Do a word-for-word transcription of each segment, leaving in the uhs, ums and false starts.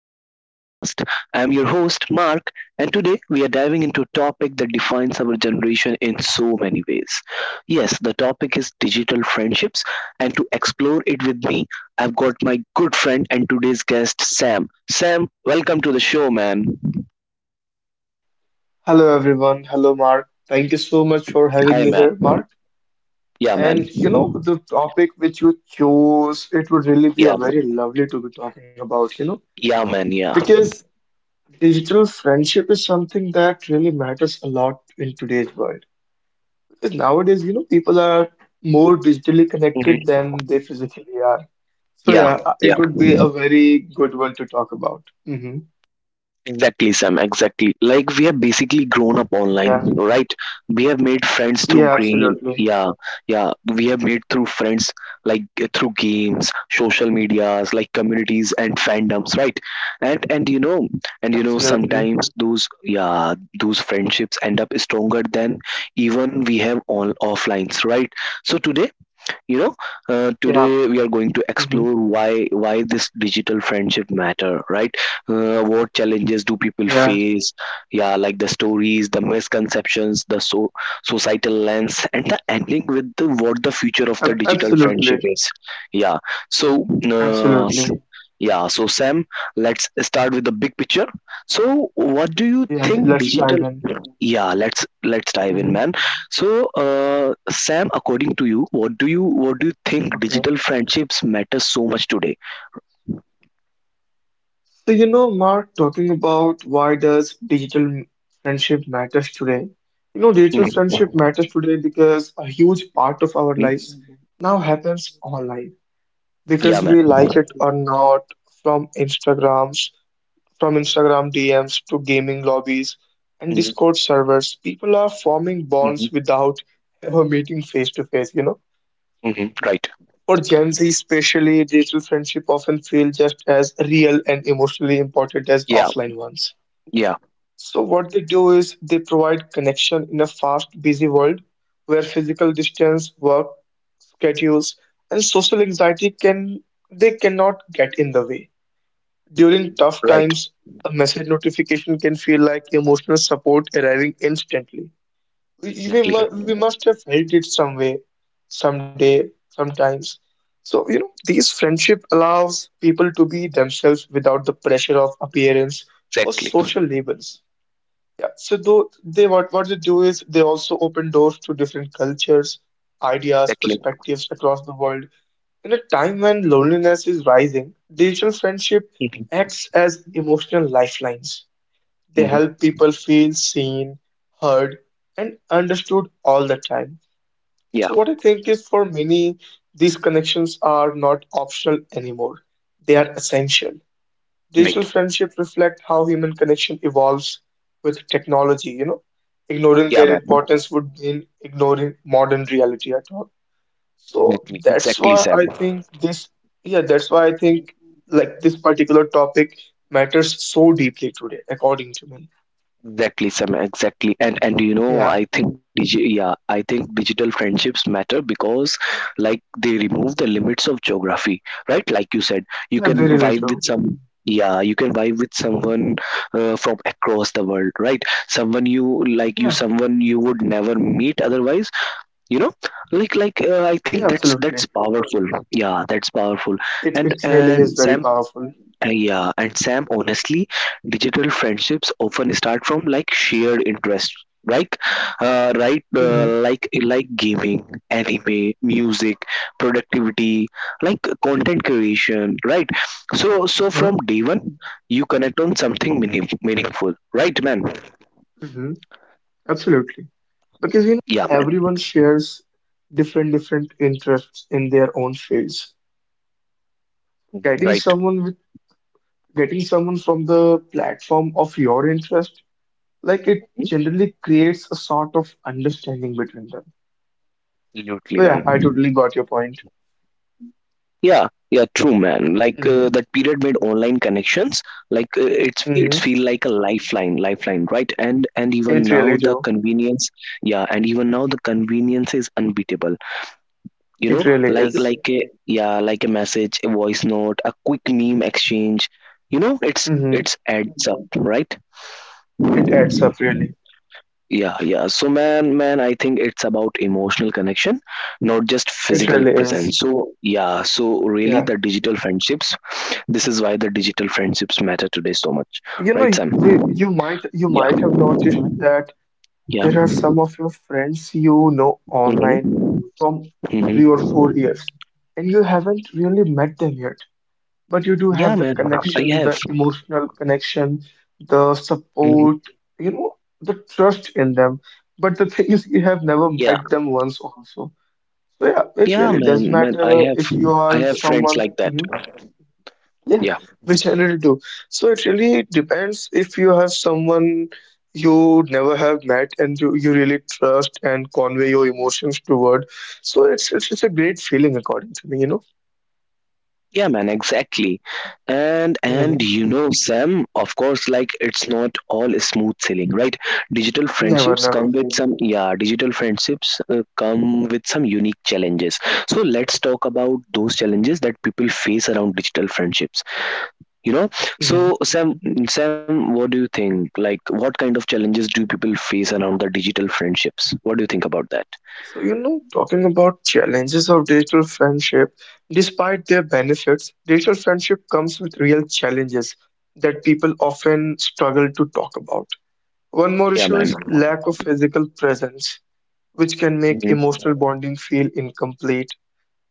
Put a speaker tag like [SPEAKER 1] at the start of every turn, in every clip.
[SPEAKER 1] to our podcast. I am your host, Mark, and today we are diving into a topic that defines our generation in so many ways. Yes, the topic is digital friendships, and to explore it with me, I've got my good friend and today's guest, Sam. Sam, welcome to the show, man.
[SPEAKER 2] Hello everyone. Hello Mark. Thank you so much for
[SPEAKER 1] Hi,
[SPEAKER 2] having me
[SPEAKER 1] man.
[SPEAKER 2] here, Mark.
[SPEAKER 1] Yeah, man.
[SPEAKER 2] And you know, the topic which you chose, it would really
[SPEAKER 1] Yeah,
[SPEAKER 2] be a very lovely to be talking about, you know,
[SPEAKER 1] yeah, man. Yeah.
[SPEAKER 2] because digital friendship is something that really matters a lot in today's world. Because nowadays, you know, people are more digitally connected
[SPEAKER 1] Mhm.
[SPEAKER 2] than they physically are. So
[SPEAKER 1] Yeah,
[SPEAKER 2] yeah, uh, it would be a very good one to talk about. Hmm
[SPEAKER 1] exactly, Sam. Exactly. Like we have basically grown up online,
[SPEAKER 2] Yeah.
[SPEAKER 1] right? We have made friends
[SPEAKER 2] Yeah,
[SPEAKER 1] through game.
[SPEAKER 2] absolutely.
[SPEAKER 1] Yeah, yeah. We have made through friends like uh, through games, social medias, like communities and fandoms, right? And and you know, and you know,
[SPEAKER 2] Absolutely.
[SPEAKER 1] sometimes those yeah those friendships end up stronger than even we have all offlines, right? So today, you know, uh,
[SPEAKER 2] Yeah.
[SPEAKER 1] today we are going to
[SPEAKER 2] hmm
[SPEAKER 1] explore why why this digital friendship matter, right? Uh, what challenges do people
[SPEAKER 2] Yeah.
[SPEAKER 1] face, yeah, like the stories, the misconceptions, the so societal lens, and the ending with the what the future of the
[SPEAKER 2] Ab-
[SPEAKER 1] digital friendship
[SPEAKER 2] Absolutely.
[SPEAKER 1] is. yeah so uh, s-
[SPEAKER 2] Absolutely.
[SPEAKER 1] yeah so Sam, let's start with the big picture. So what do you
[SPEAKER 2] Yeah, th-
[SPEAKER 1] think
[SPEAKER 2] let's
[SPEAKER 1] digital,
[SPEAKER 2] dive in.
[SPEAKER 1] yeah let's let's dive in,
[SPEAKER 2] Hmm
[SPEAKER 1] man. So, uh, Sam, according to you, what do you what do you think
[SPEAKER 2] Okay.
[SPEAKER 1] digital friendships matter so much today?
[SPEAKER 2] So, you know, Mark, talking about why does digital m- friendship matters today? You know, digital friendship
[SPEAKER 1] Mhm.
[SPEAKER 2] matters today because a huge part of our lives
[SPEAKER 1] Mhm.
[SPEAKER 2] now happens online.
[SPEAKER 1] Yeah,
[SPEAKER 2] Because
[SPEAKER 1] man.
[SPEAKER 2] we like it or not, from Instagrams, from Instagram D Ms to gaming lobbies and
[SPEAKER 1] Mhm.
[SPEAKER 2] Discord servers, people are forming bonds
[SPEAKER 1] Mhm.
[SPEAKER 2] without ever meeting face to face, you know?
[SPEAKER 1] Mhm. Right.
[SPEAKER 2] For Gen Z, especially, digital friendship often feel just as real and emotionally important as
[SPEAKER 1] Yeah.
[SPEAKER 2] offline ones.
[SPEAKER 1] Yeah.
[SPEAKER 2] So, what they do is they provide connection in a fast, busy world where physical distance, work schedules, and social anxiety can they cannot get in the way. During tough
[SPEAKER 1] Right.
[SPEAKER 2] times, a message notification can feel like emotional support arriving instantly. We, we, mu-
[SPEAKER 1] Exactly.
[SPEAKER 2] we must have felt it some way, someday, sometimes. So, you know, these friendship allows people to be themselves without the pressure of appearance or
[SPEAKER 1] Exactly.
[SPEAKER 2] social labels. Yeah. So though they what what they do is they also open doors to different cultures, ideas,
[SPEAKER 1] Exactly.
[SPEAKER 2] perspectives across the world. In a time when loneliness is rising, digital friendship
[SPEAKER 1] Mhm.
[SPEAKER 2] acts as emotional lifelines. They
[SPEAKER 1] Mhm.
[SPEAKER 2] help people feel seen, heard, and understood all the time.
[SPEAKER 1] Yeah.
[SPEAKER 2] So, what I think is for many, these connections are not optional anymore, they are essential. Digital
[SPEAKER 1] Right.
[SPEAKER 2] friendships reflect how human connection evolves with technology, you know.
[SPEAKER 1] Yeah,
[SPEAKER 2] Ignoring
[SPEAKER 1] man.
[SPEAKER 2] their importance would mean ignoring modern reality at all.
[SPEAKER 1] Exactly.
[SPEAKER 2] So
[SPEAKER 1] Exactly,
[SPEAKER 2] that's
[SPEAKER 1] Sam.
[SPEAKER 2] why I think this, yeah, that's why I think like this particular topic matters so deeply today, according to me.
[SPEAKER 1] Exactly, Sam. Exactly, and and you know,
[SPEAKER 2] Yeah.
[SPEAKER 1] I think digi- yeah, I think digital friendships matter because, like, they remove the limits of geography, right? Like you said, you
[SPEAKER 2] Yeah,
[SPEAKER 1] can
[SPEAKER 2] very
[SPEAKER 1] vibe
[SPEAKER 2] little.
[SPEAKER 1] with some, yeah, you can vibe with
[SPEAKER 2] Mm-hmm.
[SPEAKER 1] someone uh, from across the world, right? Someone you like, you
[SPEAKER 2] Yeah,
[SPEAKER 1] someone you would never meet otherwise, you know. Like like uh, I
[SPEAKER 2] yeah,
[SPEAKER 1] think that's that's
[SPEAKER 2] absolutely.
[SPEAKER 1] powerful. Yeah, that's powerful.
[SPEAKER 2] It
[SPEAKER 1] And
[SPEAKER 2] it really is
[SPEAKER 1] and
[SPEAKER 2] very
[SPEAKER 1] Sam,
[SPEAKER 2] powerful.
[SPEAKER 1] uh, Yeah, and Sam, honestly, digital friendships often start from like shared interest, like uh, right,
[SPEAKER 2] Mm-hmm.
[SPEAKER 1] uh, like like gaming, anime, music, productivity, like content creation, right? So so
[SPEAKER 2] Uh-huh.
[SPEAKER 1] from day one, you connect on something meaning, meaningful, right, man?
[SPEAKER 2] Mm-hmm. Absolutely. Because you know,
[SPEAKER 1] Yeah, man,
[SPEAKER 2] everyone shares different different interests in their own fields. Getting
[SPEAKER 1] right,
[SPEAKER 2] someone with getting someone from the platform of your interest, like it generally creates a sort of understanding between them.
[SPEAKER 1] absolutely,
[SPEAKER 2] So yeah, I
[SPEAKER 1] man.
[SPEAKER 2] totally got your point.
[SPEAKER 1] Yeah, yeah, true, man. Like uh,
[SPEAKER 2] Mm-hmm.
[SPEAKER 1] that period made online connections like uh, it's
[SPEAKER 2] Mm-hmm.
[SPEAKER 1] it's feel like a lifeline, lifeline, right? And and even
[SPEAKER 2] It really
[SPEAKER 1] now the
[SPEAKER 2] do.
[SPEAKER 1] convenience, yeah, and even now the convenience is unbeatable. You know,
[SPEAKER 2] It really
[SPEAKER 1] like
[SPEAKER 2] is.
[SPEAKER 1] like a yeah, like a message, a voice note, a quick meme exchange. You know, it's
[SPEAKER 2] Mm-hmm.
[SPEAKER 1] it's adds up, right?
[SPEAKER 2] It adds up really.
[SPEAKER 1] Yeah, yeah. So man, man, I think it's about emotional connection, not just
[SPEAKER 2] It
[SPEAKER 1] physical
[SPEAKER 2] really is.
[SPEAKER 1] presence. So yeah, so really
[SPEAKER 2] Yeah,
[SPEAKER 1] the digital friendships, this is why the digital friendships matter today so much.
[SPEAKER 2] you know,
[SPEAKER 1] Right, Sam?
[SPEAKER 2] we, you might you
[SPEAKER 1] Yeah.
[SPEAKER 2] might have noticed that
[SPEAKER 1] Yeah.
[SPEAKER 2] there are some of your friends you know
[SPEAKER 1] Hmm.
[SPEAKER 2] online from
[SPEAKER 1] Hmm.
[SPEAKER 2] three or four years, and you haven't really met them yet, but you do
[SPEAKER 1] Yeah,
[SPEAKER 2] have the
[SPEAKER 1] man. I
[SPEAKER 2] connection,
[SPEAKER 1] have.
[SPEAKER 2] the emotional connection, the
[SPEAKER 1] Hmm.
[SPEAKER 2] support, you know, the trust in them. But the thing is, you have never
[SPEAKER 1] Yeah.
[SPEAKER 2] met them once also. So yeah, it
[SPEAKER 1] Yeah,
[SPEAKER 2] really does
[SPEAKER 1] man. Man, I,
[SPEAKER 2] matter
[SPEAKER 1] have
[SPEAKER 2] if you
[SPEAKER 1] I
[SPEAKER 2] are
[SPEAKER 1] have friends
[SPEAKER 2] someone.
[SPEAKER 1] like that.
[SPEAKER 2] Mm-hmm, yeah,
[SPEAKER 1] Yeah.
[SPEAKER 2] which I generally do. So it really depends if you have someone you never have met and you, you really trust and convey your emotions toward. So it's it's, it's a great feeling according to me, you know.
[SPEAKER 1] Yeah, man, exactly. And and
[SPEAKER 2] Mhm.
[SPEAKER 1] you know, Sam, of course, like it's not all smooth sailing, right? Digital
[SPEAKER 2] Never,
[SPEAKER 1] friendships
[SPEAKER 2] never.
[SPEAKER 1] come with some yeah, digital friendships uh, come with some unique challenges. So let's talk about those challenges that people face around digital friendships. You know,
[SPEAKER 2] Mhm.
[SPEAKER 1] so Sam, Sam, what do you think? Like, what kind of challenges do people face around the digital friendships? What do you think about that?
[SPEAKER 2] So you know, talking about challenges of digital friendship, despite their benefits, digital friendship comes with real challenges that people often struggle to talk about. One more
[SPEAKER 1] Yeah,
[SPEAKER 2] issue
[SPEAKER 1] man.
[SPEAKER 2] is lack of physical presence, which can make
[SPEAKER 1] Mhm.
[SPEAKER 2] emotional bonding feel incomplete.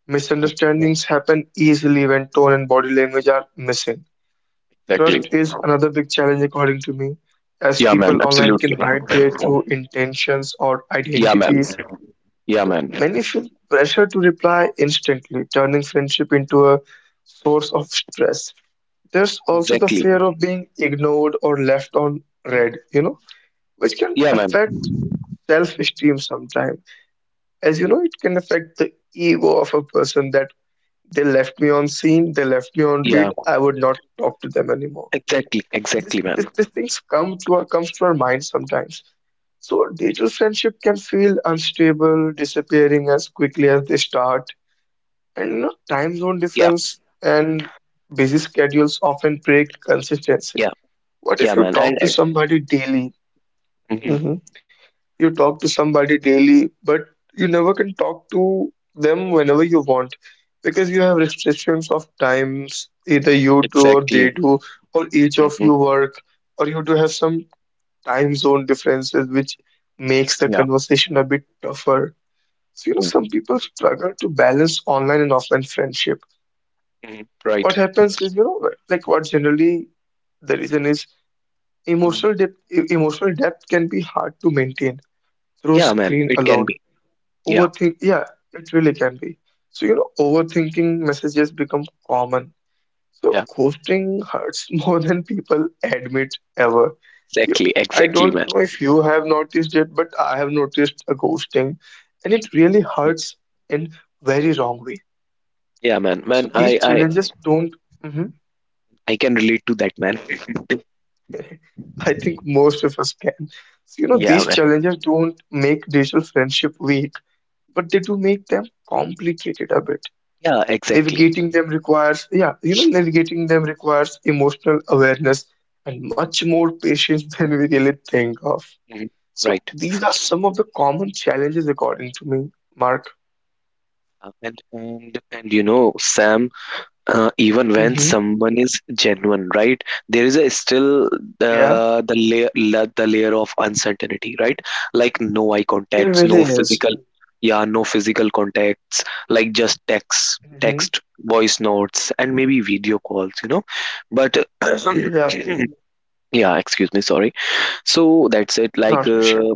[SPEAKER 2] Misunderstandings happen easily when tone and body language are missing. Trust is another big challenge, according to me, as
[SPEAKER 1] Yeah, man,
[SPEAKER 2] people online can
[SPEAKER 1] absolutely.
[SPEAKER 2] hide their true intentions or
[SPEAKER 1] Yeah, man.
[SPEAKER 2] identities.
[SPEAKER 1] Yeah,
[SPEAKER 2] So
[SPEAKER 1] man.
[SPEAKER 2] many feel pressure to reply instantly, turning friendship into a source of stress. There's also the
[SPEAKER 1] Exactly.
[SPEAKER 2] fear of being ignored or left on read, you know, which can
[SPEAKER 1] Yeah, man.
[SPEAKER 2] affect self-esteem sometimes. As you know, it can affect the ego of a person that they left me on scene, they left me on
[SPEAKER 1] Yeah.
[SPEAKER 2] read, I would not talk to them anymore.
[SPEAKER 1] Exactly.
[SPEAKER 2] this
[SPEAKER 1] Exactly,
[SPEAKER 2] this,
[SPEAKER 1] man.
[SPEAKER 2] these things come to our comes to our mind sometimes. So digital friendship can feel unstable, disappearing as quickly as they start. And you know, time zone
[SPEAKER 1] Yeah.
[SPEAKER 2] difference and busy schedules often break consistency.
[SPEAKER 1] Yeah.
[SPEAKER 2] What if
[SPEAKER 1] Yeah,
[SPEAKER 2] you
[SPEAKER 1] man. And,
[SPEAKER 2] talk to
[SPEAKER 1] and
[SPEAKER 2] somebody daily?
[SPEAKER 1] mhm,
[SPEAKER 2] Mm-hmm. You talk to somebody daily, but you never can talk to them whenever you want because you have restrictions of times, either you do or they
[SPEAKER 1] exactly.
[SPEAKER 2] do, or each of you
[SPEAKER 1] Hmm.
[SPEAKER 2] work, or you do have some time zone differences, which makes the
[SPEAKER 1] Yeah.
[SPEAKER 2] conversation a bit tougher. So, you know,
[SPEAKER 1] Yeah.
[SPEAKER 2] some people struggle to balance online and offline friendship.
[SPEAKER 1] Hmm. Right.
[SPEAKER 2] What happens is, you know, like what generally the reason is
[SPEAKER 1] Mhm.
[SPEAKER 2] emotional depth, e, emotional depth can be hard to maintain through
[SPEAKER 1] Yeah, man.
[SPEAKER 2] screen
[SPEAKER 1] It can
[SPEAKER 2] alone.
[SPEAKER 1] be. Yeah.
[SPEAKER 2] Overthink, yeah, it really can be. So, you know, overthinking messages become common. So,
[SPEAKER 1] Yeah.
[SPEAKER 2] ghosting hurts more than people admit ever. You,
[SPEAKER 1] Exactly.
[SPEAKER 2] I
[SPEAKER 1] Exactly,
[SPEAKER 2] don't
[SPEAKER 1] man.
[SPEAKER 2] know if you have noticed it, but I have noticed a ghosting, and it really
[SPEAKER 1] Mhm.
[SPEAKER 2] hurts in very wrong way.
[SPEAKER 1] Yeah, man.
[SPEAKER 2] So,
[SPEAKER 1] Man,
[SPEAKER 2] these
[SPEAKER 1] I, I,
[SPEAKER 2] challenges don't. Mhm.
[SPEAKER 1] I can relate to that, man.
[SPEAKER 2] I think most of us can. So, you know,
[SPEAKER 1] Yeah,
[SPEAKER 2] these
[SPEAKER 1] man.
[SPEAKER 2] challenges don't make digital friendship weak, but they do make them complicated a bit.
[SPEAKER 1] Yeah. Exactly.
[SPEAKER 2] Navigating them requires, yeah, you know, navigating them requires emotional awareness and much more patience than we really think of.
[SPEAKER 1] Hmm.
[SPEAKER 2] So
[SPEAKER 1] Right.
[SPEAKER 2] these are some of the common challenges, according to me, Mark.
[SPEAKER 1] Uh, and and and you know, Sam, uh, even when
[SPEAKER 2] Mm-hmm.
[SPEAKER 1] someone is genuine, right? There is a still
[SPEAKER 2] Yeah,
[SPEAKER 1] uh, the layer la- the layer of uncertainty, right? Like no eye
[SPEAKER 2] there
[SPEAKER 1] contacts, no
[SPEAKER 2] really is.
[SPEAKER 1] physical, yeah, no physical contacts, like just text
[SPEAKER 2] Mm-hmm.
[SPEAKER 1] text voice notes, and maybe video calls, you know. But
[SPEAKER 2] Yeah,
[SPEAKER 1] yeah, excuse me, sorry. So that's it, like
[SPEAKER 2] not really
[SPEAKER 1] uh,
[SPEAKER 2] sure.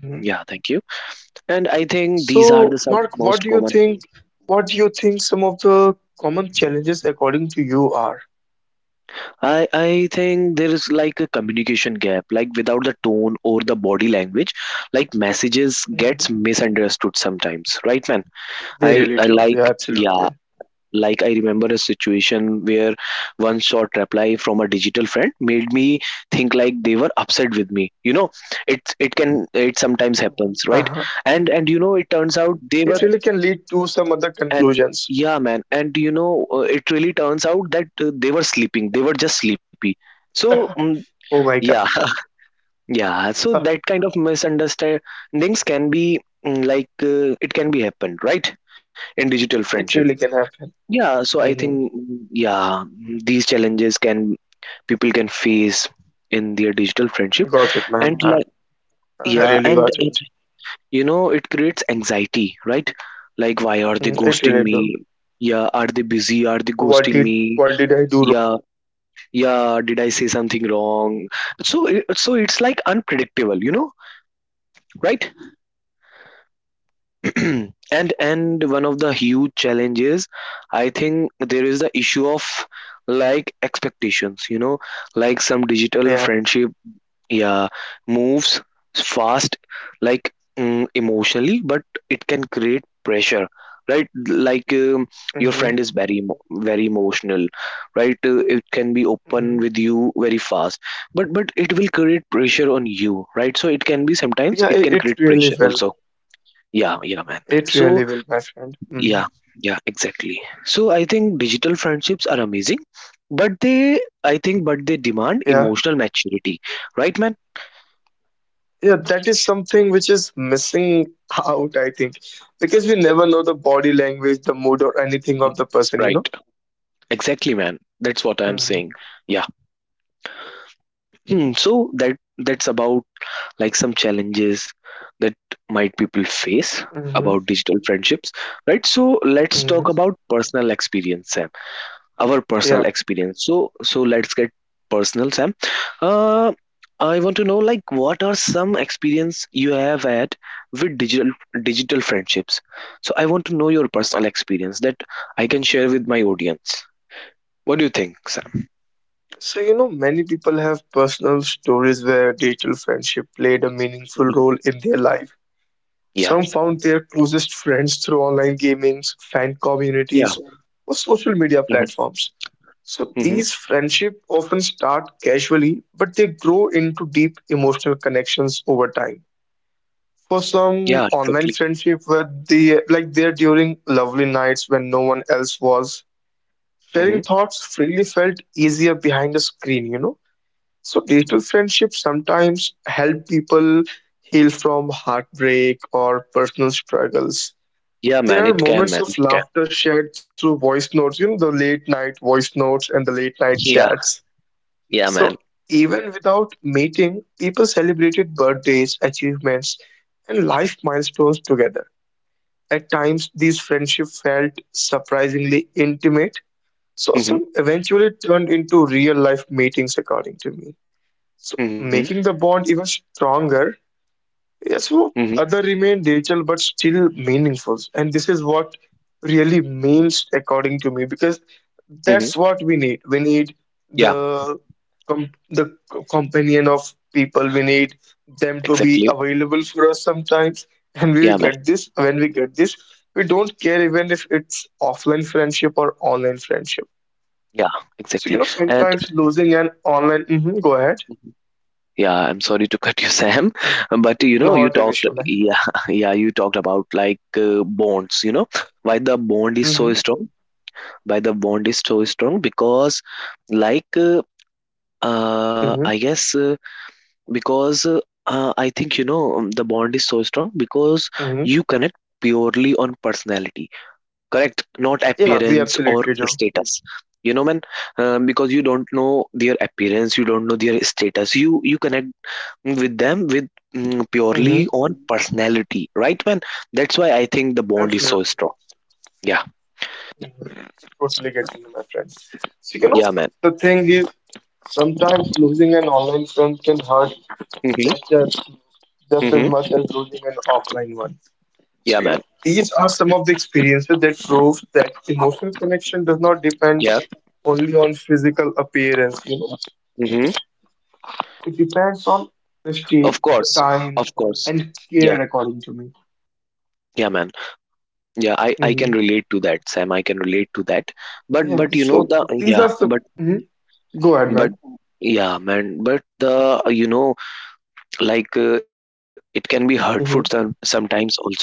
[SPEAKER 2] hmm
[SPEAKER 1] yeah, thank you. And I think these are
[SPEAKER 2] So,
[SPEAKER 1] the some
[SPEAKER 2] Mark, what
[SPEAKER 1] most
[SPEAKER 2] do you
[SPEAKER 1] common.
[SPEAKER 2] think? What do you think some of the common challenges, according to you, are?
[SPEAKER 1] I I think there is like a communication gap, like without the tone or the body language, like messages
[SPEAKER 2] Hmm
[SPEAKER 1] gets misunderstood sometimes, right, man?
[SPEAKER 2] They
[SPEAKER 1] I
[SPEAKER 2] really
[SPEAKER 1] I
[SPEAKER 2] do. Yeah,
[SPEAKER 1] like yeah,
[SPEAKER 2] absolutely.
[SPEAKER 1] like I remember a situation where one short reply from a digital friend made me think like they were upset with me. You know, it it can it
[SPEAKER 2] Uh-huh.
[SPEAKER 1] sometimes happens, right? And and you know, it
[SPEAKER 2] It
[SPEAKER 1] turns
[SPEAKER 2] really
[SPEAKER 1] out
[SPEAKER 2] can
[SPEAKER 1] they
[SPEAKER 2] lead
[SPEAKER 1] were,
[SPEAKER 2] to some other conclusions.
[SPEAKER 1] and yeah, man, and you know, uh, it really turns out that uh, they were sleeping. They were just sleepy, so mm,
[SPEAKER 2] Oh my God.
[SPEAKER 1] yeah, yeah. So that kind of misunderstandings can be, mm, like uh, it can be happened, right? In digital
[SPEAKER 2] It
[SPEAKER 1] friendship.
[SPEAKER 2] really can happen.
[SPEAKER 1] Yeah, so I
[SPEAKER 2] Hmm
[SPEAKER 1] think, mm, yeah, mm, these challenges can people can face in their digital friendship,
[SPEAKER 2] Got it, man.
[SPEAKER 1] and
[SPEAKER 2] I,
[SPEAKER 1] like
[SPEAKER 2] I
[SPEAKER 1] yeah,
[SPEAKER 2] really
[SPEAKER 1] and
[SPEAKER 2] got
[SPEAKER 1] uh,
[SPEAKER 2] it.
[SPEAKER 1] you know it creates anxiety, right? Like why are they
[SPEAKER 2] Mhm. It
[SPEAKER 1] ghosting
[SPEAKER 2] really do.
[SPEAKER 1] me? Yeah, are they busy? Are they ghosting
[SPEAKER 2] What did
[SPEAKER 1] me?
[SPEAKER 2] what did I do?
[SPEAKER 1] Yeah, yeah, did I say something wrong? So it- so it's like unpredictable, you know, right? and and one of the huge challenges, I think there is the issue of like expectations, you know, like some digital
[SPEAKER 2] Yeah.
[SPEAKER 1] friendship, yeah, moves fast, like mm, emotionally, but it can create pressure, right? Like um, your
[SPEAKER 2] hmm
[SPEAKER 1] friend is very emo- very emotional, right? Uh, it can be open
[SPEAKER 2] hmm
[SPEAKER 1] with you very fast, but but it will create pressure on you, right? So it can be, sometimes
[SPEAKER 2] Yeah,
[SPEAKER 1] it can
[SPEAKER 2] it, it
[SPEAKER 1] create
[SPEAKER 2] really
[SPEAKER 1] pressure
[SPEAKER 2] will.
[SPEAKER 1] also. Yeah, yeah, man.
[SPEAKER 2] It really will,
[SPEAKER 1] So
[SPEAKER 2] my friend. Hmm
[SPEAKER 1] yeah, yeah, exactly. So I think digital friendships are amazing, but they, I think, but they demand
[SPEAKER 2] Yeah.
[SPEAKER 1] emotional maturity, right, man?
[SPEAKER 2] Yeah, that is something which is missing out, I think, because we never know the body language, the mood, or anything of
[SPEAKER 1] Mhm.
[SPEAKER 2] the person, you know?
[SPEAKER 1] Right. Exactly, man. That's what I'm
[SPEAKER 2] Mm-hmm.
[SPEAKER 1] saying. Yeah. Hmm. So that that's about like some challenges that might people face
[SPEAKER 2] Mm-hmm.
[SPEAKER 1] about digital friendships, right? So let's talk
[SPEAKER 2] Mm-hmm.
[SPEAKER 1] about personal experience, Sam. Our personal
[SPEAKER 2] Yeah.
[SPEAKER 1] experience. So so let's get personal, Sam. uh I want to know like what are some experience you have had with digital digital friendships. So I want to know your personal experience that I can share with my audience. What do you think, Sam?
[SPEAKER 2] So, you know, many people have personal stories where digital friendship played a meaningful
[SPEAKER 1] Mhm.
[SPEAKER 2] role in their life.
[SPEAKER 1] Yeah.
[SPEAKER 2] Some found their closest friends through online gamings, fan
[SPEAKER 1] Yeah.
[SPEAKER 2] communities, or social media
[SPEAKER 1] Hmm.
[SPEAKER 2] platforms. So,
[SPEAKER 1] Hmm.
[SPEAKER 2] these friendships often start casually, but they grow into deep emotional connections over time. For some,
[SPEAKER 1] Yeah,
[SPEAKER 2] online
[SPEAKER 1] exactly.
[SPEAKER 2] friendship were the, like there during lovely nights when no one else was.
[SPEAKER 1] Hmm.
[SPEAKER 2] Sharing thoughts freely felt easier behind a screen, you know. So
[SPEAKER 1] Hmm.
[SPEAKER 2] digital friendships sometimes help people heal from heartbreak or personal struggles.
[SPEAKER 1] Yeah, man,
[SPEAKER 2] There are
[SPEAKER 1] it can man
[SPEAKER 2] moments
[SPEAKER 1] it
[SPEAKER 2] of
[SPEAKER 1] can.
[SPEAKER 2] laughter shared through voice notes, you know, the late night voice notes and the late night
[SPEAKER 1] Yeah.
[SPEAKER 2] chats.
[SPEAKER 1] Yeah, man.
[SPEAKER 2] So even without meeting, people celebrated birthdays, achievements, and life milestones together. At times, these friendships felt surprisingly intimate, so some
[SPEAKER 1] Hmm.
[SPEAKER 2] eventually turned into real life meetings, according to me. So
[SPEAKER 1] Hmm.
[SPEAKER 2] making the bond even stronger, yes, so
[SPEAKER 1] Hmm.
[SPEAKER 2] other remain digital but still meaningful. And this is what really means according to me, because
[SPEAKER 1] Hmm.
[SPEAKER 2] that's what we need. We need
[SPEAKER 1] Yeah,
[SPEAKER 2] the com- the co- companion of people. We need them to be
[SPEAKER 1] exactly.
[SPEAKER 2] available for us sometimes. And we
[SPEAKER 1] Yeah, man.
[SPEAKER 2] get this when we get this, we don't care even if it's offline friendship or online friendship.
[SPEAKER 1] Yeah,
[SPEAKER 2] So you
[SPEAKER 1] exactly.
[SPEAKER 2] know,
[SPEAKER 1] And
[SPEAKER 2] sometimes losing an online, mhm, go ahead,
[SPEAKER 1] yeah, I'm sorry to cut you, Sam, but you know, you
[SPEAKER 2] not an
[SPEAKER 1] talked,
[SPEAKER 2] issue, man.
[SPEAKER 1] yeah, yeah, you talked about like uh, bonds, you know, why the bond is
[SPEAKER 2] Mm-hmm.
[SPEAKER 1] so strong, why the bond is so strong, because like, uh, uh, I
[SPEAKER 2] Mm-hmm.
[SPEAKER 1] guess, uh, because uh, uh, I think, you know, um, the bond is so strong because
[SPEAKER 2] Mm-hmm.
[SPEAKER 1] you connect purely on personality, correct? Not
[SPEAKER 2] Yeah, we
[SPEAKER 1] appearance or
[SPEAKER 2] absolutely do.
[SPEAKER 1] status. You know, man, um, because you don't know their appearance, you don't know their status. You you connect with them with mm,
[SPEAKER 2] Mm-hmm.
[SPEAKER 1] purely on personality, right, man? That's why I think the bond is so
[SPEAKER 2] Absolutely.
[SPEAKER 1] strong. Yeah,
[SPEAKER 2] Totally get you, my friend. So, you know,
[SPEAKER 1] yeah, man.
[SPEAKER 2] the thing is, sometimes losing an online friend can hurt
[SPEAKER 1] Mm-hmm.
[SPEAKER 2] just as just as
[SPEAKER 1] Mm-hmm.
[SPEAKER 2] much as losing an offline one.
[SPEAKER 1] Yeah,
[SPEAKER 2] So, you know,
[SPEAKER 1] man.
[SPEAKER 2] these are some of the experiences that prove that emotional connection does not depend
[SPEAKER 1] Yeah.
[SPEAKER 2] only on physical appearance, you know.
[SPEAKER 1] Mm-hmm.
[SPEAKER 2] It depends on
[SPEAKER 1] Of
[SPEAKER 2] honesty,
[SPEAKER 1] course. Of
[SPEAKER 2] time,
[SPEAKER 1] course.
[SPEAKER 2] and
[SPEAKER 1] Yeah.
[SPEAKER 2] care, according to
[SPEAKER 1] Yeah, man. Yeah, i i can
[SPEAKER 2] me.
[SPEAKER 1] relate to that, Sam. I can relate to that. but
[SPEAKER 2] Yeah,
[SPEAKER 1] but you know
[SPEAKER 2] so
[SPEAKER 1] the,
[SPEAKER 2] these are
[SPEAKER 1] yeah,
[SPEAKER 2] some.
[SPEAKER 1] but
[SPEAKER 2] Mhm. Go ahead,
[SPEAKER 1] but
[SPEAKER 2] man.
[SPEAKER 1] yeah, man, but the you know, like uh, it can be hurtful some,
[SPEAKER 2] Hmm
[SPEAKER 1] sometimes also, right?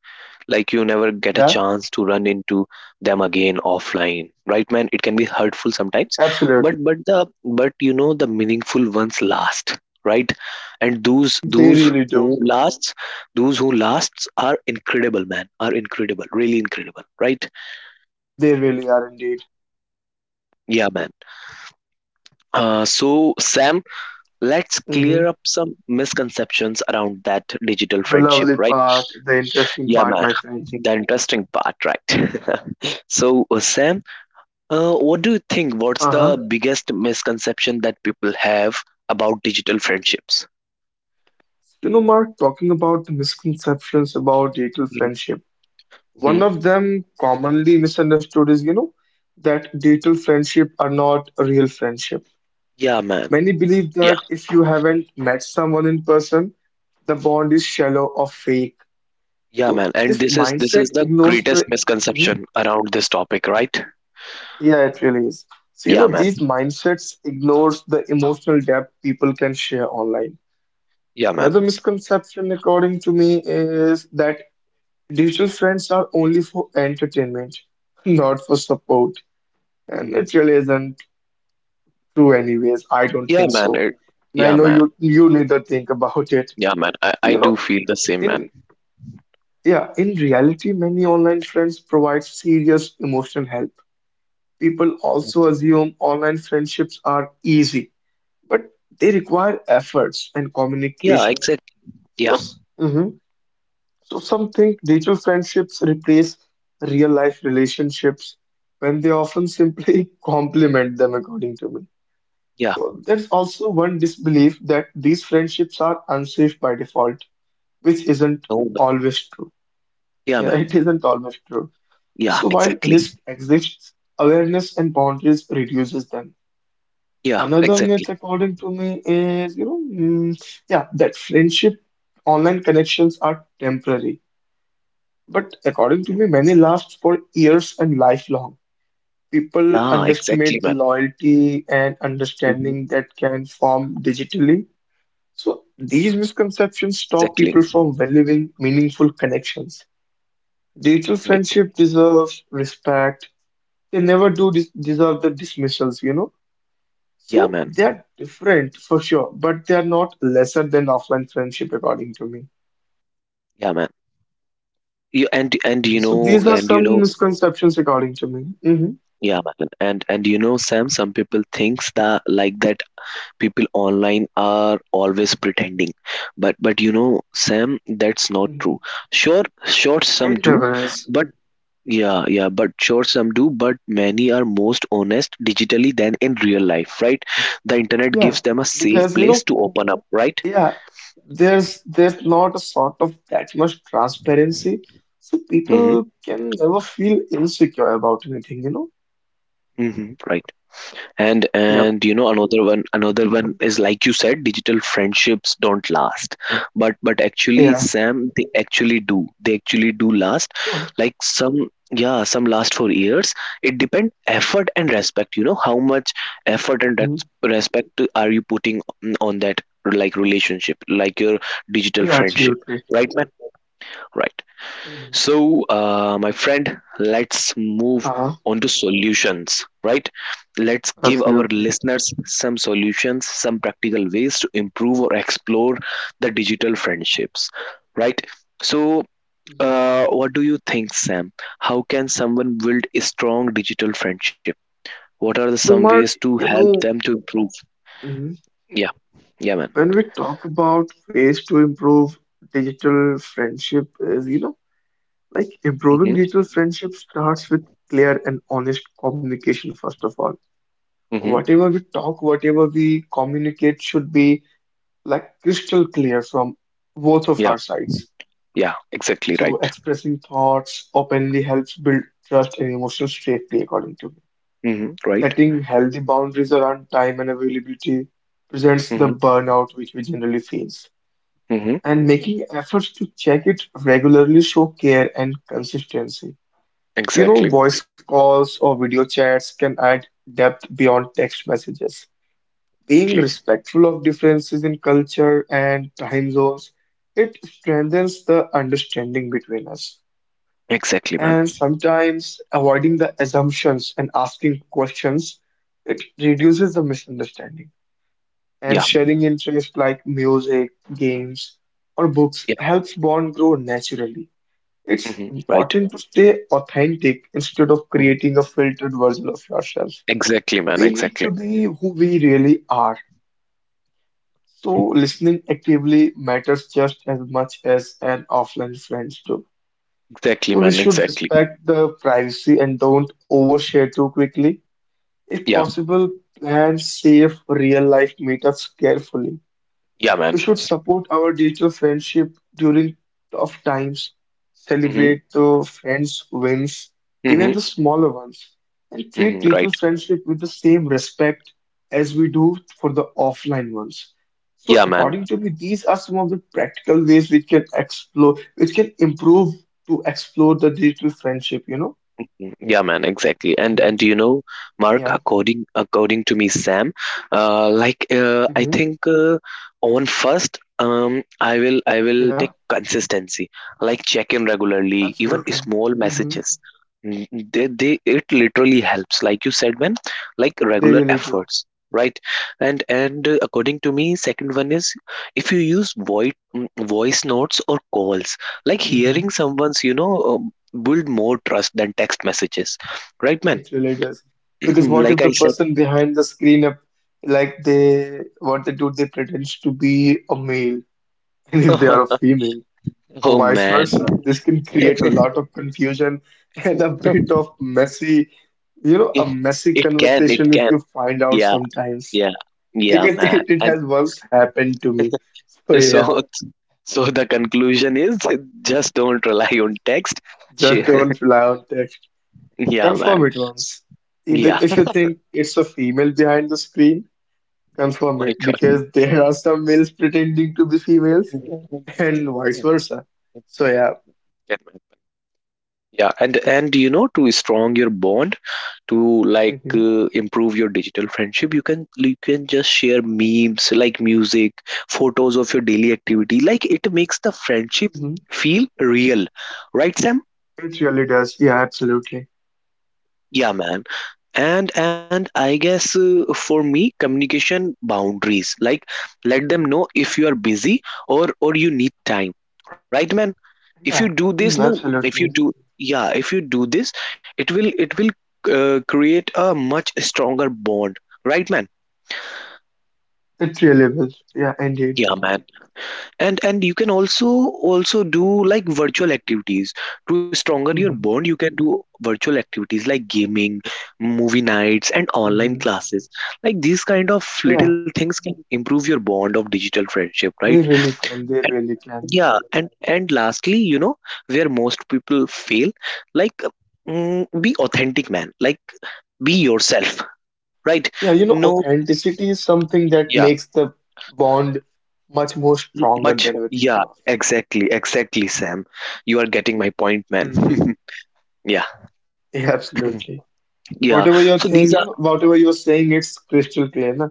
[SPEAKER 1] Like you never get a chance
[SPEAKER 2] Yeah,
[SPEAKER 1] to run into them again offline, right, man? It can be hurtful sometimes. but
[SPEAKER 2] absolutely.
[SPEAKER 1] but the but you know, the meaningful ones last, right? And those
[SPEAKER 2] They
[SPEAKER 1] those
[SPEAKER 2] really do.
[SPEAKER 1] who lasts those who lasts are incredible man are incredible, really incredible, right?
[SPEAKER 2] They really are indeed.
[SPEAKER 1] Yeah, man. Uh, so Sam, let's
[SPEAKER 2] Hmm
[SPEAKER 1] clear up some misconceptions around that digital
[SPEAKER 2] The
[SPEAKER 1] friendship,
[SPEAKER 2] lovely
[SPEAKER 1] right?
[SPEAKER 2] part, the interesting
[SPEAKER 1] Yeah,
[SPEAKER 2] part,
[SPEAKER 1] man.
[SPEAKER 2] my friend.
[SPEAKER 1] The interesting part, right? So uh, Sam, uh, what do you think? What's the
[SPEAKER 2] Uh-huh.
[SPEAKER 1] biggest misconception that people have about digital friendships?
[SPEAKER 2] You know, Mark, talking about the misconceptions about digital friendship, one
[SPEAKER 1] Hmm.
[SPEAKER 2] of them commonly misunderstood is, you know, that digital friendship are not a real friendship.
[SPEAKER 1] Yeah, man.
[SPEAKER 2] Many believe
[SPEAKER 1] Yeah,
[SPEAKER 2] that if you haven't met someone in person, the bond is shallow or fake.
[SPEAKER 1] yeah,
[SPEAKER 2] So
[SPEAKER 1] man. And
[SPEAKER 2] this
[SPEAKER 1] this is this is
[SPEAKER 2] mindset
[SPEAKER 1] the
[SPEAKER 2] ignores
[SPEAKER 1] greatest
[SPEAKER 2] the Mhm.
[SPEAKER 1] misconception around this topic, right?
[SPEAKER 2] Yeah, it really is. So you
[SPEAKER 1] Yeah,
[SPEAKER 2] know,
[SPEAKER 1] man.
[SPEAKER 2] these mindsets ignores the emotional depth people can share online.
[SPEAKER 1] Yeah, man.
[SPEAKER 2] Another misconception, according to me, is that digital friends are only for entertainment, not for support. And
[SPEAKER 1] Mhm.
[SPEAKER 2] it really isn't true anyways. I don't
[SPEAKER 1] Yeah,
[SPEAKER 2] think
[SPEAKER 1] man.
[SPEAKER 2] so.
[SPEAKER 1] It,
[SPEAKER 2] And I
[SPEAKER 1] yeah,
[SPEAKER 2] know
[SPEAKER 1] man.
[SPEAKER 2] you you neither think about it.
[SPEAKER 1] Yeah, man. I,
[SPEAKER 2] So,
[SPEAKER 1] I
[SPEAKER 2] you
[SPEAKER 1] do
[SPEAKER 2] know,
[SPEAKER 1] feel the same, man.
[SPEAKER 2] in yeah, in reality, many online friends provide serious emotional help. People also assume online friendships are easy, but they require efforts and
[SPEAKER 1] Yeah,
[SPEAKER 2] communication.
[SPEAKER 1] exactly. Yeah,
[SPEAKER 2] Yes. Mhm. So some think digital friendships replace real life relationships when they often simply complement them, according to me.
[SPEAKER 1] yeah.
[SPEAKER 2] So there's also one disbelief that these friendships are unsafe by default, which isn't
[SPEAKER 1] No, man.
[SPEAKER 2] always true.
[SPEAKER 1] Yeah,
[SPEAKER 2] Yeah,
[SPEAKER 1] man.
[SPEAKER 2] it isn't always true.
[SPEAKER 1] Yeah,
[SPEAKER 2] So while
[SPEAKER 1] exactly.
[SPEAKER 2] risk exists, awareness and boundaries reduces them.
[SPEAKER 1] Yeah,
[SPEAKER 2] Another myth,
[SPEAKER 1] exactly.
[SPEAKER 2] according to me, is you know, mm, yeah, that friendship online connections are temporary. But according to
[SPEAKER 1] Mhm.
[SPEAKER 2] me, many last for years and lifelong.
[SPEAKER 1] Yeah,
[SPEAKER 2] People
[SPEAKER 1] exactly, man.
[SPEAKER 2] underestimate the loyalty and
[SPEAKER 1] Hmm.
[SPEAKER 2] understanding that can form digitally. So these misconceptions stop
[SPEAKER 1] Exactly.
[SPEAKER 2] people from valuing meaningful connections. Digital
[SPEAKER 1] Right.
[SPEAKER 2] friendship deserves respect. They never do des- deserve the dismissals, you know.
[SPEAKER 1] Yeah,
[SPEAKER 2] So
[SPEAKER 1] man.
[SPEAKER 2] they're different for sure, but they're not lesser than offline friendship, according to me.
[SPEAKER 1] Yeah, man. You and and
[SPEAKER 2] Mhm.
[SPEAKER 1] you
[SPEAKER 2] So
[SPEAKER 1] know
[SPEAKER 2] these are
[SPEAKER 1] and you
[SPEAKER 2] some
[SPEAKER 1] know,
[SPEAKER 2] misconceptions, according to me. Hmm
[SPEAKER 1] yeah, man. And and you know, Sam, some people thinks that like that people online are always pretending, but but you know, Sam, that's not
[SPEAKER 2] hmm
[SPEAKER 1] true. Sure, sure, some
[SPEAKER 2] It
[SPEAKER 1] do,
[SPEAKER 2] never is.
[SPEAKER 1] but Yeah, yeah, but sure some do, but many are most honest digitally than in real life, right? The internet
[SPEAKER 2] Yeah,
[SPEAKER 1] gives them a safe
[SPEAKER 2] because you
[SPEAKER 1] place
[SPEAKER 2] know,
[SPEAKER 1] to open up, right?
[SPEAKER 2] yeah, there's there's not a sort of that much transparency, so
[SPEAKER 1] Mm-hmm.
[SPEAKER 2] people can never feel insecure about anything, you know?
[SPEAKER 1] Mm-hmm. Right. and
[SPEAKER 2] Yeah,
[SPEAKER 1] and you know, another one another one is like you said digital friendships don't last, but but actually
[SPEAKER 2] yeah,
[SPEAKER 1] Sam, they actually do they actually do last,
[SPEAKER 2] yeah,
[SPEAKER 1] like some, yeah, some last for years. It depends effort and respect, you know, how much effort and
[SPEAKER 2] hmm
[SPEAKER 1] res- respect to- are you putting on on that, like relationship, like your digital
[SPEAKER 2] yeah,
[SPEAKER 1] friendship,
[SPEAKER 2] absolutely.
[SPEAKER 1] right, man? Right.
[SPEAKER 2] Hmm
[SPEAKER 1] So, uh, my friend, let's move
[SPEAKER 2] Uh-huh,
[SPEAKER 1] on to solutions, right? Let's give our
[SPEAKER 2] absolutely.
[SPEAKER 1] listeners some solutions, some practical ways to improve or explore the digital friendships, right? So,
[SPEAKER 2] Mhm.
[SPEAKER 1] uh, what do you think, Sam? How can someone build a strong digital friendship? What are the
[SPEAKER 2] So,
[SPEAKER 1] some
[SPEAKER 2] Mark,
[SPEAKER 1] ways to
[SPEAKER 2] you
[SPEAKER 1] help them to improve?
[SPEAKER 2] know,
[SPEAKER 1] Yeah, yeah, man.
[SPEAKER 2] when we talk about ways to improve digital friendship is you know like improving
[SPEAKER 1] Mm-hmm.
[SPEAKER 2] digital friendship starts with clear and honest communication first of all.
[SPEAKER 1] Mm-hmm.
[SPEAKER 2] Whatever we talk, whatever we communicate should be like crystal clear from both of
[SPEAKER 1] Yeah,
[SPEAKER 2] our sides.
[SPEAKER 1] yeah, exactly
[SPEAKER 2] So
[SPEAKER 1] right.
[SPEAKER 2] expressing thoughts openly helps build trust and emotional safety, according to me.
[SPEAKER 1] Mm-hmm. Right.
[SPEAKER 2] Setting healthy boundaries around time and availability presents the
[SPEAKER 1] Mm-hmm.
[SPEAKER 2] burnout which we generally face,
[SPEAKER 1] Mm-hmm.
[SPEAKER 2] and making efforts to check it regularly show care and consistency. You know,
[SPEAKER 1] Exactly.
[SPEAKER 2] voice calls or video chats can add depth beyond text messages. Being
[SPEAKER 1] Exactly.
[SPEAKER 2] respectful of differences in culture and time zones, it strengthens the understanding between us.
[SPEAKER 1] Exactly, man.
[SPEAKER 2] And sometimes avoiding the assumptions and asking questions, it reduces the misunderstanding. And
[SPEAKER 1] Yeah,
[SPEAKER 2] sharing interests like music, games, or books
[SPEAKER 1] yeah.
[SPEAKER 2] helps bond grow naturally. It's
[SPEAKER 1] hmm Right.
[SPEAKER 2] important to stay authentic instead of
[SPEAKER 1] hmm
[SPEAKER 2] creating a filtered version of yourself.
[SPEAKER 1] Exactly, man.
[SPEAKER 2] We need to
[SPEAKER 1] Exactly.
[SPEAKER 2] be who we really are. So, listening actively matters just as much as an offline friends do.
[SPEAKER 1] Exactly, man.
[SPEAKER 2] So, we should
[SPEAKER 1] Exactly.
[SPEAKER 2] respect the privacy and don't overshare too quickly. If
[SPEAKER 1] Yeah,
[SPEAKER 2] possible, plan safe real life meetups carefully.
[SPEAKER 1] yeah,
[SPEAKER 2] We
[SPEAKER 1] man.
[SPEAKER 2] should support our digital friendship during tough times,
[SPEAKER 1] hmm
[SPEAKER 2] celebrate the friends' wins, even
[SPEAKER 1] hmm
[SPEAKER 2] the smaller ones, and treat
[SPEAKER 1] hmm
[SPEAKER 2] digital
[SPEAKER 1] Right.
[SPEAKER 2] friendship with the same respect as we do for the offline ones. So,
[SPEAKER 1] Yeah, man.
[SPEAKER 2] according to me, these are some of the practical ways we can explore, which can improve to explore the digital friendship, you know?
[SPEAKER 1] Yeah, man, exactly. And
[SPEAKER 2] Mhm.
[SPEAKER 1] and you know, Mark,
[SPEAKER 2] Yeah.
[SPEAKER 1] according according to me, Sam, uh, like uh, I
[SPEAKER 2] hmm
[SPEAKER 1] think uh, on first, um, I will I will
[SPEAKER 2] Yeah,
[SPEAKER 1] take consistency, like check in regularly, even
[SPEAKER 2] absolutely.
[SPEAKER 1] small
[SPEAKER 2] Hmm
[SPEAKER 1] messages. Mm, They they it literally helps, like you said, man, like
[SPEAKER 2] They
[SPEAKER 1] regular
[SPEAKER 2] really do.
[SPEAKER 1] efforts, right? And and uh, According to me, second one is if you use voice voice notes or calls, like
[SPEAKER 2] Mm-hmm.
[SPEAKER 1] hearing someone's you know um, build more trust than text messages, right, man?
[SPEAKER 2] It really does. Because what
[SPEAKER 1] Like
[SPEAKER 2] if
[SPEAKER 1] I
[SPEAKER 2] the
[SPEAKER 1] said,
[SPEAKER 2] person behind the screen up like they what they do, they pretend to be a male and if they are a female or
[SPEAKER 1] oh
[SPEAKER 2] vice
[SPEAKER 1] man,
[SPEAKER 2] versa. This can create a
[SPEAKER 1] it
[SPEAKER 2] lot of confusion and a bit of messy, you know, a messy
[SPEAKER 1] it can, it
[SPEAKER 2] conversation if
[SPEAKER 1] can,
[SPEAKER 2] you find out
[SPEAKER 1] yeah,
[SPEAKER 2] sometimes.
[SPEAKER 1] yeah, yeah,
[SPEAKER 2] Because
[SPEAKER 1] man.
[SPEAKER 2] it, it
[SPEAKER 1] And
[SPEAKER 2] has once happened to me. So yeah,
[SPEAKER 1] so, so the conclusion is, just don't rely on text.
[SPEAKER 2] just
[SPEAKER 1] She-
[SPEAKER 2] don't rely on text.
[SPEAKER 1] yeah, man,
[SPEAKER 2] Confirm it once. Either
[SPEAKER 1] yeah.
[SPEAKER 2] if you think it's a female behind the screen,
[SPEAKER 1] Oh
[SPEAKER 2] confirm it
[SPEAKER 1] my God.
[SPEAKER 2] because there are some males pretending to be
[SPEAKER 1] It
[SPEAKER 2] females
[SPEAKER 1] can
[SPEAKER 2] and vice
[SPEAKER 1] happen.
[SPEAKER 2] versa.
[SPEAKER 1] It
[SPEAKER 2] So
[SPEAKER 1] can
[SPEAKER 2] yeah.
[SPEAKER 1] happen. Yeah, and and you know, to strong your bond. To like
[SPEAKER 2] hmm
[SPEAKER 1] uh, improve your digital friendship, you can you can just share memes like music, photos of your daily activity. Like it makes the friendship
[SPEAKER 2] hmm
[SPEAKER 1] feel real, right, Sam?
[SPEAKER 2] It really does. Yeah, absolutely.
[SPEAKER 1] Yeah, man. And and I guess uh, for me, communication boundaries, like let them know if
[SPEAKER 2] Mhm.
[SPEAKER 1] you are busy or or you need time, right, man? If
[SPEAKER 2] Yeah,
[SPEAKER 1] you do this
[SPEAKER 2] mm,
[SPEAKER 1] now, if
[SPEAKER 2] absolutely.
[SPEAKER 1] you do, yeah, if you do this, it will it will uh, create a much stronger bond, right, man?
[SPEAKER 2] It really will. Yeah, indeed.
[SPEAKER 1] Yeah, man. And and you can also also do like virtual activities. To stronger your
[SPEAKER 2] Hmm
[SPEAKER 1] bond, you can do virtual activities like gaming, movie nights, and
[SPEAKER 2] hmm
[SPEAKER 1] online classes. Like these kind of
[SPEAKER 2] Yeah,
[SPEAKER 1] little things can improve your bond of digital friendship, right?
[SPEAKER 2] they really can. They
[SPEAKER 1] And
[SPEAKER 2] really can.
[SPEAKER 1] yeah, and and lastly, you know, where most people fail, like mm, be authentic, man. Like be yourself, right?
[SPEAKER 2] Yeah, you know,
[SPEAKER 1] No,
[SPEAKER 2] authenticity is something that
[SPEAKER 1] yeah,
[SPEAKER 2] makes the bond much more
[SPEAKER 1] M-
[SPEAKER 2] stronger
[SPEAKER 1] much
[SPEAKER 2] than we think
[SPEAKER 1] yeah
[SPEAKER 2] of.
[SPEAKER 1] exactly, exactly, Sam, you are getting my point, man.
[SPEAKER 2] Hmm
[SPEAKER 1] Yeah.
[SPEAKER 2] Yeah, absolutely.
[SPEAKER 1] Yeah,
[SPEAKER 2] Whatever
[SPEAKER 1] so
[SPEAKER 2] you're
[SPEAKER 1] these are
[SPEAKER 2] saying, you know, whatever you're saying, it's crystal clear. Na?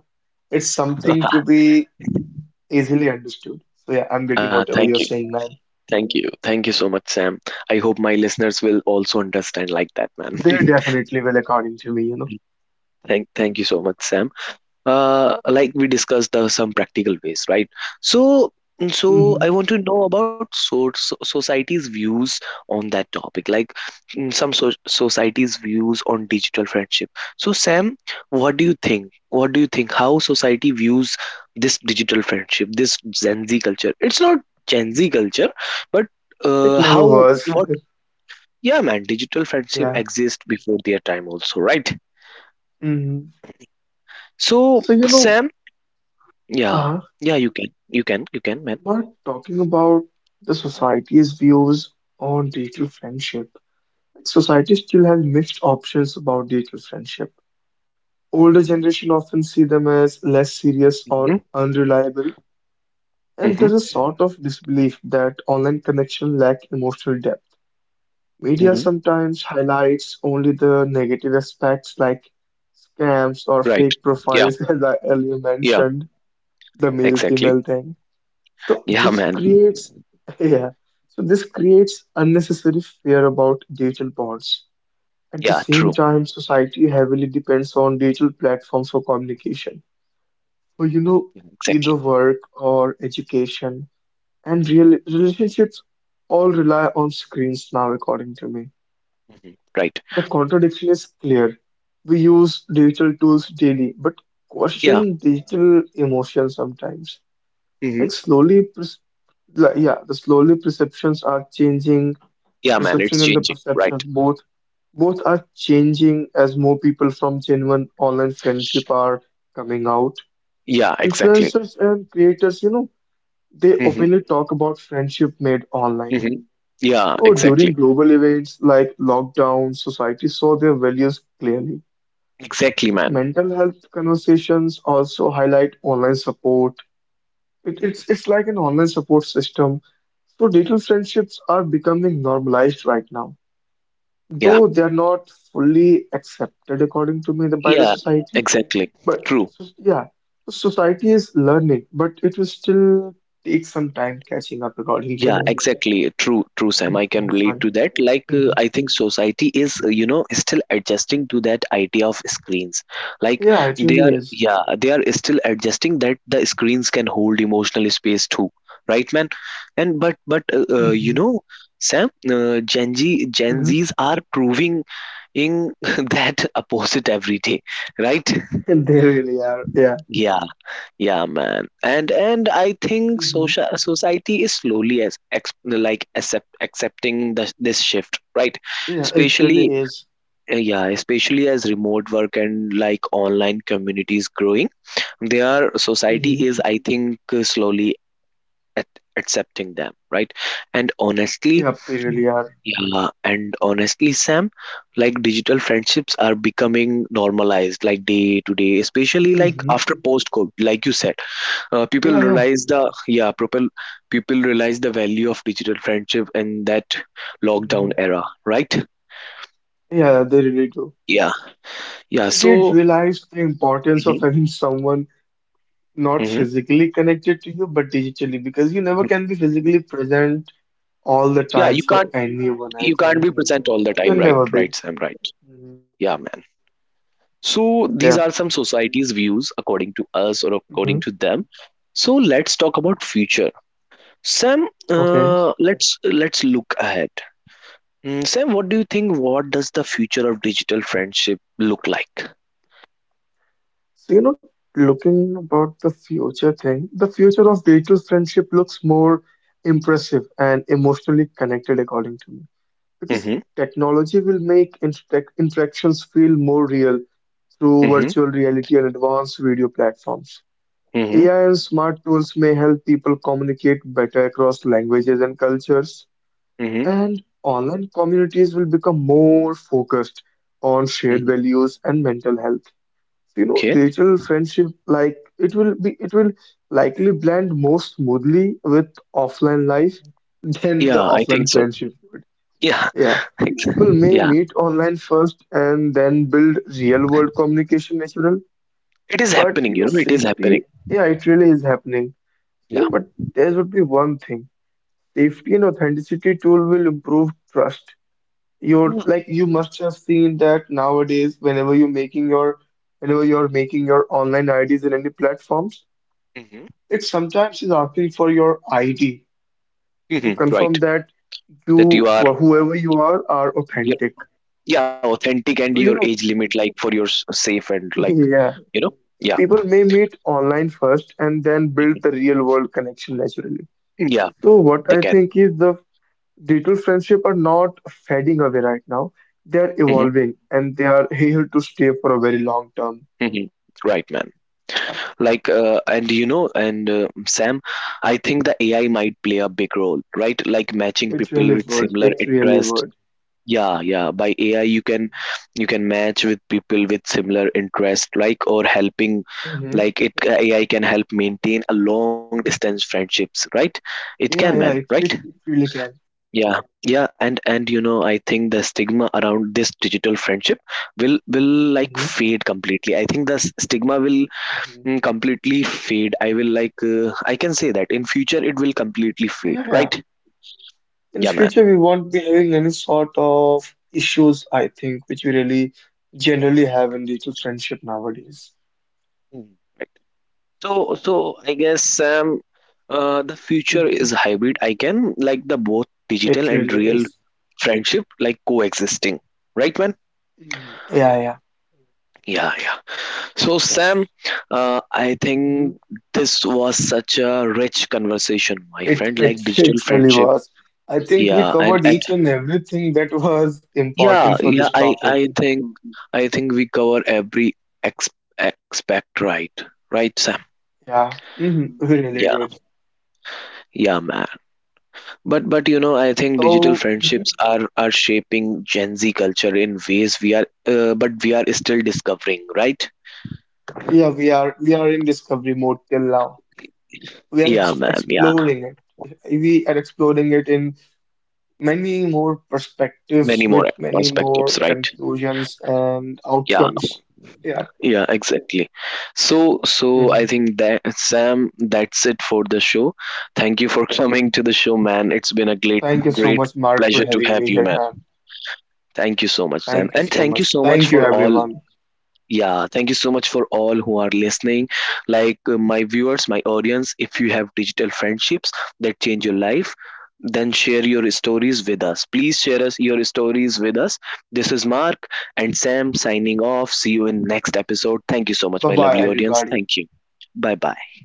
[SPEAKER 2] It's something to be easily understood. So yeah, I'm getting
[SPEAKER 1] uh,
[SPEAKER 2] whatever
[SPEAKER 1] thank
[SPEAKER 2] you're
[SPEAKER 1] you,
[SPEAKER 2] saying, man.
[SPEAKER 1] thank you thank you so much, Sam. I hope my listeners will also understand like that, man.
[SPEAKER 2] They definitely will, according to me, you know.
[SPEAKER 1] thank thank you so much, Sam. Uh, like we discussed uh, some practical ways, right? So, so
[SPEAKER 2] Hmm
[SPEAKER 1] I want to know about so, so society's views on that topic. Like mm, some so, society's views on digital friendship. So, Sam, what do you think what do you think how society views this digital friendship, this Gen Z culture. It's not Gen Z culture, but
[SPEAKER 2] It
[SPEAKER 1] uh, how
[SPEAKER 2] never was.
[SPEAKER 1] what Yeah, man, digital friendship
[SPEAKER 2] Yeah.
[SPEAKER 1] exist before their time also, right?
[SPEAKER 2] hmm
[SPEAKER 1] So,
[SPEAKER 2] So you know,
[SPEAKER 1] Sam, yeah,
[SPEAKER 2] uh,
[SPEAKER 1] yeah, you can, you can, you can, man.
[SPEAKER 2] we're talking about the society's views on digital friendship. Society still has mixed options about digital friendship. Older generation often see them as less serious or
[SPEAKER 1] hmm
[SPEAKER 2] unreliable. And
[SPEAKER 1] hmm
[SPEAKER 2] there's a sort of disbelief that online connection lack emotional depth. Media
[SPEAKER 1] hmm
[SPEAKER 2] sometimes highlights only the negative aspects like scams or
[SPEAKER 1] Right.
[SPEAKER 2] fake
[SPEAKER 1] Yeah,
[SPEAKER 2] profiles, as I earlier
[SPEAKER 1] yeah,
[SPEAKER 2] mentioned, the
[SPEAKER 1] exactly.
[SPEAKER 2] male-female thing. So
[SPEAKER 1] Yeah,
[SPEAKER 2] this
[SPEAKER 1] man.
[SPEAKER 2] creates, yeah, so this creates unnecessary fear about digital bonds. At the
[SPEAKER 1] Yeah,
[SPEAKER 2] same
[SPEAKER 1] true.
[SPEAKER 2] time, society heavily depends on digital platforms for communication. For you know,
[SPEAKER 1] Yeah, exactly.
[SPEAKER 2] either work or education, and real relationships all rely on screens now, according to me.
[SPEAKER 1] hmm Right.
[SPEAKER 2] The contradiction is clear. We use digital tools daily, but
[SPEAKER 1] Yeah.
[SPEAKER 2] question digital emotion sometimes.
[SPEAKER 1] hmm
[SPEAKER 2] Like slowly, pres- like, yeah, the slowly perceptions are changing.
[SPEAKER 1] Yeah, man.
[SPEAKER 2] Perception
[SPEAKER 1] It's
[SPEAKER 2] and the
[SPEAKER 1] changing. Right.
[SPEAKER 2] perceptions both both are changing as more people from genuine online friendship are coming out.
[SPEAKER 1] Yeah, exactly.
[SPEAKER 2] Influencers and creators, you know, they
[SPEAKER 1] hmm
[SPEAKER 2] openly talk about friendship made online.
[SPEAKER 1] hmm Yeah,
[SPEAKER 2] So during
[SPEAKER 1] exactly.
[SPEAKER 2] global events like lockdown, society saw their values clearly.
[SPEAKER 1] Exactly,
[SPEAKER 2] So
[SPEAKER 1] man.
[SPEAKER 2] mental health conversations also highlight online support. It, it's it's like an online support system. So digital friendships are becoming normalized right now,
[SPEAKER 1] Yeah.
[SPEAKER 2] though they are not fully accepted according to me the- by the
[SPEAKER 1] Yeah,
[SPEAKER 2] society.
[SPEAKER 1] exactly.
[SPEAKER 2] But
[SPEAKER 1] True.
[SPEAKER 2] so, yeah, so society is learning, but it will still take some time catching up, according to
[SPEAKER 1] Yeah,
[SPEAKER 2] me.
[SPEAKER 1] exactly, true, true, Sam. I
[SPEAKER 2] Yeah,
[SPEAKER 1] can relate
[SPEAKER 2] sorry.
[SPEAKER 1] to that. Like uh,
[SPEAKER 2] Mhm.
[SPEAKER 1] I think society is uh, you know still adjusting to that idea of screens, like
[SPEAKER 2] Yeah, it
[SPEAKER 1] they
[SPEAKER 2] really
[SPEAKER 1] are,
[SPEAKER 2] is.
[SPEAKER 1] yeah, they are still adjusting that the screens can hold emotional space too, right, man? and but but uh, uh, you
[SPEAKER 2] Hmm
[SPEAKER 1] know Sam, uh, gen z gen z's are proving in that opposite every day, right?
[SPEAKER 2] And they really are. Yeah.
[SPEAKER 1] Yeah, yeah, man. And and I think
[SPEAKER 2] hmm
[SPEAKER 1] social society is slowly as ex, like accept accepting the, this shift, right?
[SPEAKER 2] Yeah, it
[SPEAKER 1] Especially,
[SPEAKER 2] really is.
[SPEAKER 1] uh, yeah, especially as remote work and like online communities growing, their society
[SPEAKER 2] Hmm
[SPEAKER 1] is, I think, uh, slowly at, accepting them, right? And honestly,
[SPEAKER 2] Yep, they really are.
[SPEAKER 1] yeah, and honestly, Sam, like digital friendships,
[SPEAKER 2] Hmm
[SPEAKER 1] uh, people
[SPEAKER 2] Yeah, yeah,
[SPEAKER 1] realize the yeah people people realize the value of digital friendship in that lockdown
[SPEAKER 2] hmm
[SPEAKER 1] era, right?
[SPEAKER 2] yeah, they really do.
[SPEAKER 1] Yeah, yeah,
[SPEAKER 2] They did
[SPEAKER 1] so
[SPEAKER 2] realize the importance of
[SPEAKER 1] mhm,
[SPEAKER 2] having someone not
[SPEAKER 1] mhm,
[SPEAKER 2] physically connected to you, but digitally,
[SPEAKER 1] mhm.
[SPEAKER 2] because you never can be physically present all the
[SPEAKER 1] Yeah, you
[SPEAKER 2] time
[SPEAKER 1] can't
[SPEAKER 2] for
[SPEAKER 1] you can't be
[SPEAKER 2] anyone, I
[SPEAKER 1] present all
[SPEAKER 2] think.
[SPEAKER 1] the time, right?
[SPEAKER 2] You
[SPEAKER 1] Right,
[SPEAKER 2] can
[SPEAKER 1] Sam?
[SPEAKER 2] never
[SPEAKER 1] Right.
[SPEAKER 2] be.
[SPEAKER 1] Yeah,
[SPEAKER 2] Hmm
[SPEAKER 1] man. So these are
[SPEAKER 2] Yeah,
[SPEAKER 1] some society's views according to us or
[SPEAKER 2] hmm
[SPEAKER 1] according to them. So let's talk about future, Sam.
[SPEAKER 2] okay.
[SPEAKER 1] Uh, let's let's look ahead. Mm, sam, what do you think? What does the future of digital friendship look like?
[SPEAKER 2] So, you know, looking about the future thing, the future of digital friendship looks more impressive and emotionally connected, according to me. Because technology will make interac- interactions feel more real through
[SPEAKER 1] Mm-hmm,
[SPEAKER 2] virtual reality and advanced video platforms.
[SPEAKER 1] mhm,
[SPEAKER 2] A I and smart tools may help people communicate better across languages and cultures,
[SPEAKER 1] mhm,
[SPEAKER 2] and online communities will become more focused on shared
[SPEAKER 1] mhm.
[SPEAKER 2] values and mental health. You know
[SPEAKER 1] Okay.
[SPEAKER 2] digital friendship like it will be it will likely blend more smoothly with offline life than the
[SPEAKER 1] Yeah, I think
[SPEAKER 2] offline
[SPEAKER 1] so.
[SPEAKER 2] friendship would.
[SPEAKER 1] Yeah,
[SPEAKER 2] Yeah,
[SPEAKER 1] ex-
[SPEAKER 2] people may
[SPEAKER 1] yeah.
[SPEAKER 2] meet online first and then build real world communication natural.
[SPEAKER 1] It is
[SPEAKER 2] But
[SPEAKER 1] happening,
[SPEAKER 2] you
[SPEAKER 1] you
[SPEAKER 2] know
[SPEAKER 1] know, it is
[SPEAKER 2] safety,
[SPEAKER 1] happening.
[SPEAKER 2] yeah, it really is happening. you
[SPEAKER 1] Yeah.
[SPEAKER 2] know but there would be one thing: safety and authenticity tool will improve trust. You're
[SPEAKER 1] Mm-hmm.
[SPEAKER 2] like, you must have seen that nowadays, whenever you're making your, whenever you're making your online I Ds in any platforms, it sometimes is asking for your I D to
[SPEAKER 1] hmm Right.
[SPEAKER 2] confirm that
[SPEAKER 1] That you
[SPEAKER 2] you
[SPEAKER 1] are,
[SPEAKER 2] or whoever you are are
[SPEAKER 1] you're,
[SPEAKER 2] authentic.
[SPEAKER 1] yeah, authentic and your
[SPEAKER 2] So you
[SPEAKER 1] age
[SPEAKER 2] know,
[SPEAKER 1] limit, like for your s- safe and like,
[SPEAKER 2] yeah.
[SPEAKER 1] you know,
[SPEAKER 2] So
[SPEAKER 1] yeah,
[SPEAKER 2] people may meet online first and then build the real world connection naturally.
[SPEAKER 1] yeah,
[SPEAKER 2] So
[SPEAKER 1] they
[SPEAKER 2] what I
[SPEAKER 1] can.
[SPEAKER 2] think is the digital friendship are not fading away right now. They are
[SPEAKER 1] hmm
[SPEAKER 2] evolving and they are here to stay for a very long term.
[SPEAKER 1] hmm Right, man. Like, uh, and you know, and uh, Sam, I think the A I might play a big role, right? Like matching
[SPEAKER 2] It
[SPEAKER 1] people
[SPEAKER 2] really
[SPEAKER 1] with
[SPEAKER 2] would.
[SPEAKER 1] similar
[SPEAKER 2] It really
[SPEAKER 1] interests.
[SPEAKER 2] would.
[SPEAKER 1] Yeah, yeah. By A I, you can you can match with people with similar interest, like or helping,
[SPEAKER 2] Hmm
[SPEAKER 1] like it A I can help maintain a long distance friendships, right? It can,
[SPEAKER 2] Yeah,
[SPEAKER 1] man,
[SPEAKER 2] yeah,
[SPEAKER 1] right?
[SPEAKER 2] it, it, it really can.
[SPEAKER 1] Yeah, yeah. And and you know, I think the stigma around this digital friendship will will like
[SPEAKER 2] Hmm
[SPEAKER 1] fade completely. I think the s- stigma will
[SPEAKER 2] hmm
[SPEAKER 1] mm, completely fade. I will like uh, I can say that in future it will completely fade,
[SPEAKER 2] Yeah, yeah.
[SPEAKER 1] right?
[SPEAKER 2] In
[SPEAKER 1] Yeah, man.
[SPEAKER 2] future, we won't be having any sort of issues, I think, which we really generally have in digital friendship nowadays.
[SPEAKER 1] Hmm. So, so I guess Sam, uh, the future
[SPEAKER 2] Hmm
[SPEAKER 1] is hybrid. I can like the both digital
[SPEAKER 2] It
[SPEAKER 1] and
[SPEAKER 2] really
[SPEAKER 1] real
[SPEAKER 2] is.
[SPEAKER 1] friendship like coexisting, right, man?
[SPEAKER 2] Mhm. Yeah, yeah,
[SPEAKER 1] Yeah, yeah. So, Sam,
[SPEAKER 2] yes.
[SPEAKER 1] uh, I
[SPEAKER 2] hmm
[SPEAKER 1] think this was such a rich conversation, my
[SPEAKER 2] It,
[SPEAKER 1] friend.
[SPEAKER 2] it,
[SPEAKER 1] Like digital
[SPEAKER 2] it really
[SPEAKER 1] friendship,
[SPEAKER 2] was. I think we
[SPEAKER 1] yeah, and
[SPEAKER 2] covered
[SPEAKER 1] and
[SPEAKER 2] each and everything that was important
[SPEAKER 1] yeah,
[SPEAKER 2] for
[SPEAKER 1] yeah.
[SPEAKER 2] this
[SPEAKER 1] I
[SPEAKER 2] topic.
[SPEAKER 1] I think I think we cover every ex aspect, right? Right, Sam?
[SPEAKER 2] Yeah, hmm we really
[SPEAKER 1] Yeah,
[SPEAKER 2] did.
[SPEAKER 1] yeah, man. But but you know, I think digital
[SPEAKER 2] So,
[SPEAKER 1] friendships are are shaping Gen Z culture in ways we are, uh, but we are still discovering, right?
[SPEAKER 2] yeah, we are we are in discovery mode till now. We are
[SPEAKER 1] Yeah,
[SPEAKER 2] ex
[SPEAKER 1] man. Yeah,
[SPEAKER 2] exploring it. We are exploring it in many more perspectives
[SPEAKER 1] many more
[SPEAKER 2] with many more
[SPEAKER 1] perspectives, right?
[SPEAKER 2] conclusions and
[SPEAKER 1] Yeah,
[SPEAKER 2] outcomes. Yeah.
[SPEAKER 1] yeah, exactly. So so I
[SPEAKER 2] Mhm.
[SPEAKER 1] think that Sam, that's it for the show. Thank you for coming to the show, man. It's been a great
[SPEAKER 2] Thank you so
[SPEAKER 1] great
[SPEAKER 2] much, Mark, for
[SPEAKER 1] pleasure to
[SPEAKER 2] having
[SPEAKER 1] have
[SPEAKER 2] me
[SPEAKER 1] you,
[SPEAKER 2] here,
[SPEAKER 1] man.
[SPEAKER 2] man.
[SPEAKER 1] Thank you so much, Sam,
[SPEAKER 2] Thank you
[SPEAKER 1] and
[SPEAKER 2] so
[SPEAKER 1] thank you
[SPEAKER 2] much.
[SPEAKER 1] so much
[SPEAKER 2] Thank
[SPEAKER 1] for
[SPEAKER 2] you,
[SPEAKER 1] all.
[SPEAKER 2] everyone.
[SPEAKER 1] Yeah, thank you so much for all who are listening. Like uh, my viewers, my audience, if you have digital friendships that change your life, then share your stories with us. Please share us your stories with us. This is Mark and Sam signing off. See you in next episode. Thank you so much,
[SPEAKER 2] Bye
[SPEAKER 1] my
[SPEAKER 2] bye,
[SPEAKER 1] lovely audience.
[SPEAKER 2] everybody.
[SPEAKER 1] Thank you. Bye bye.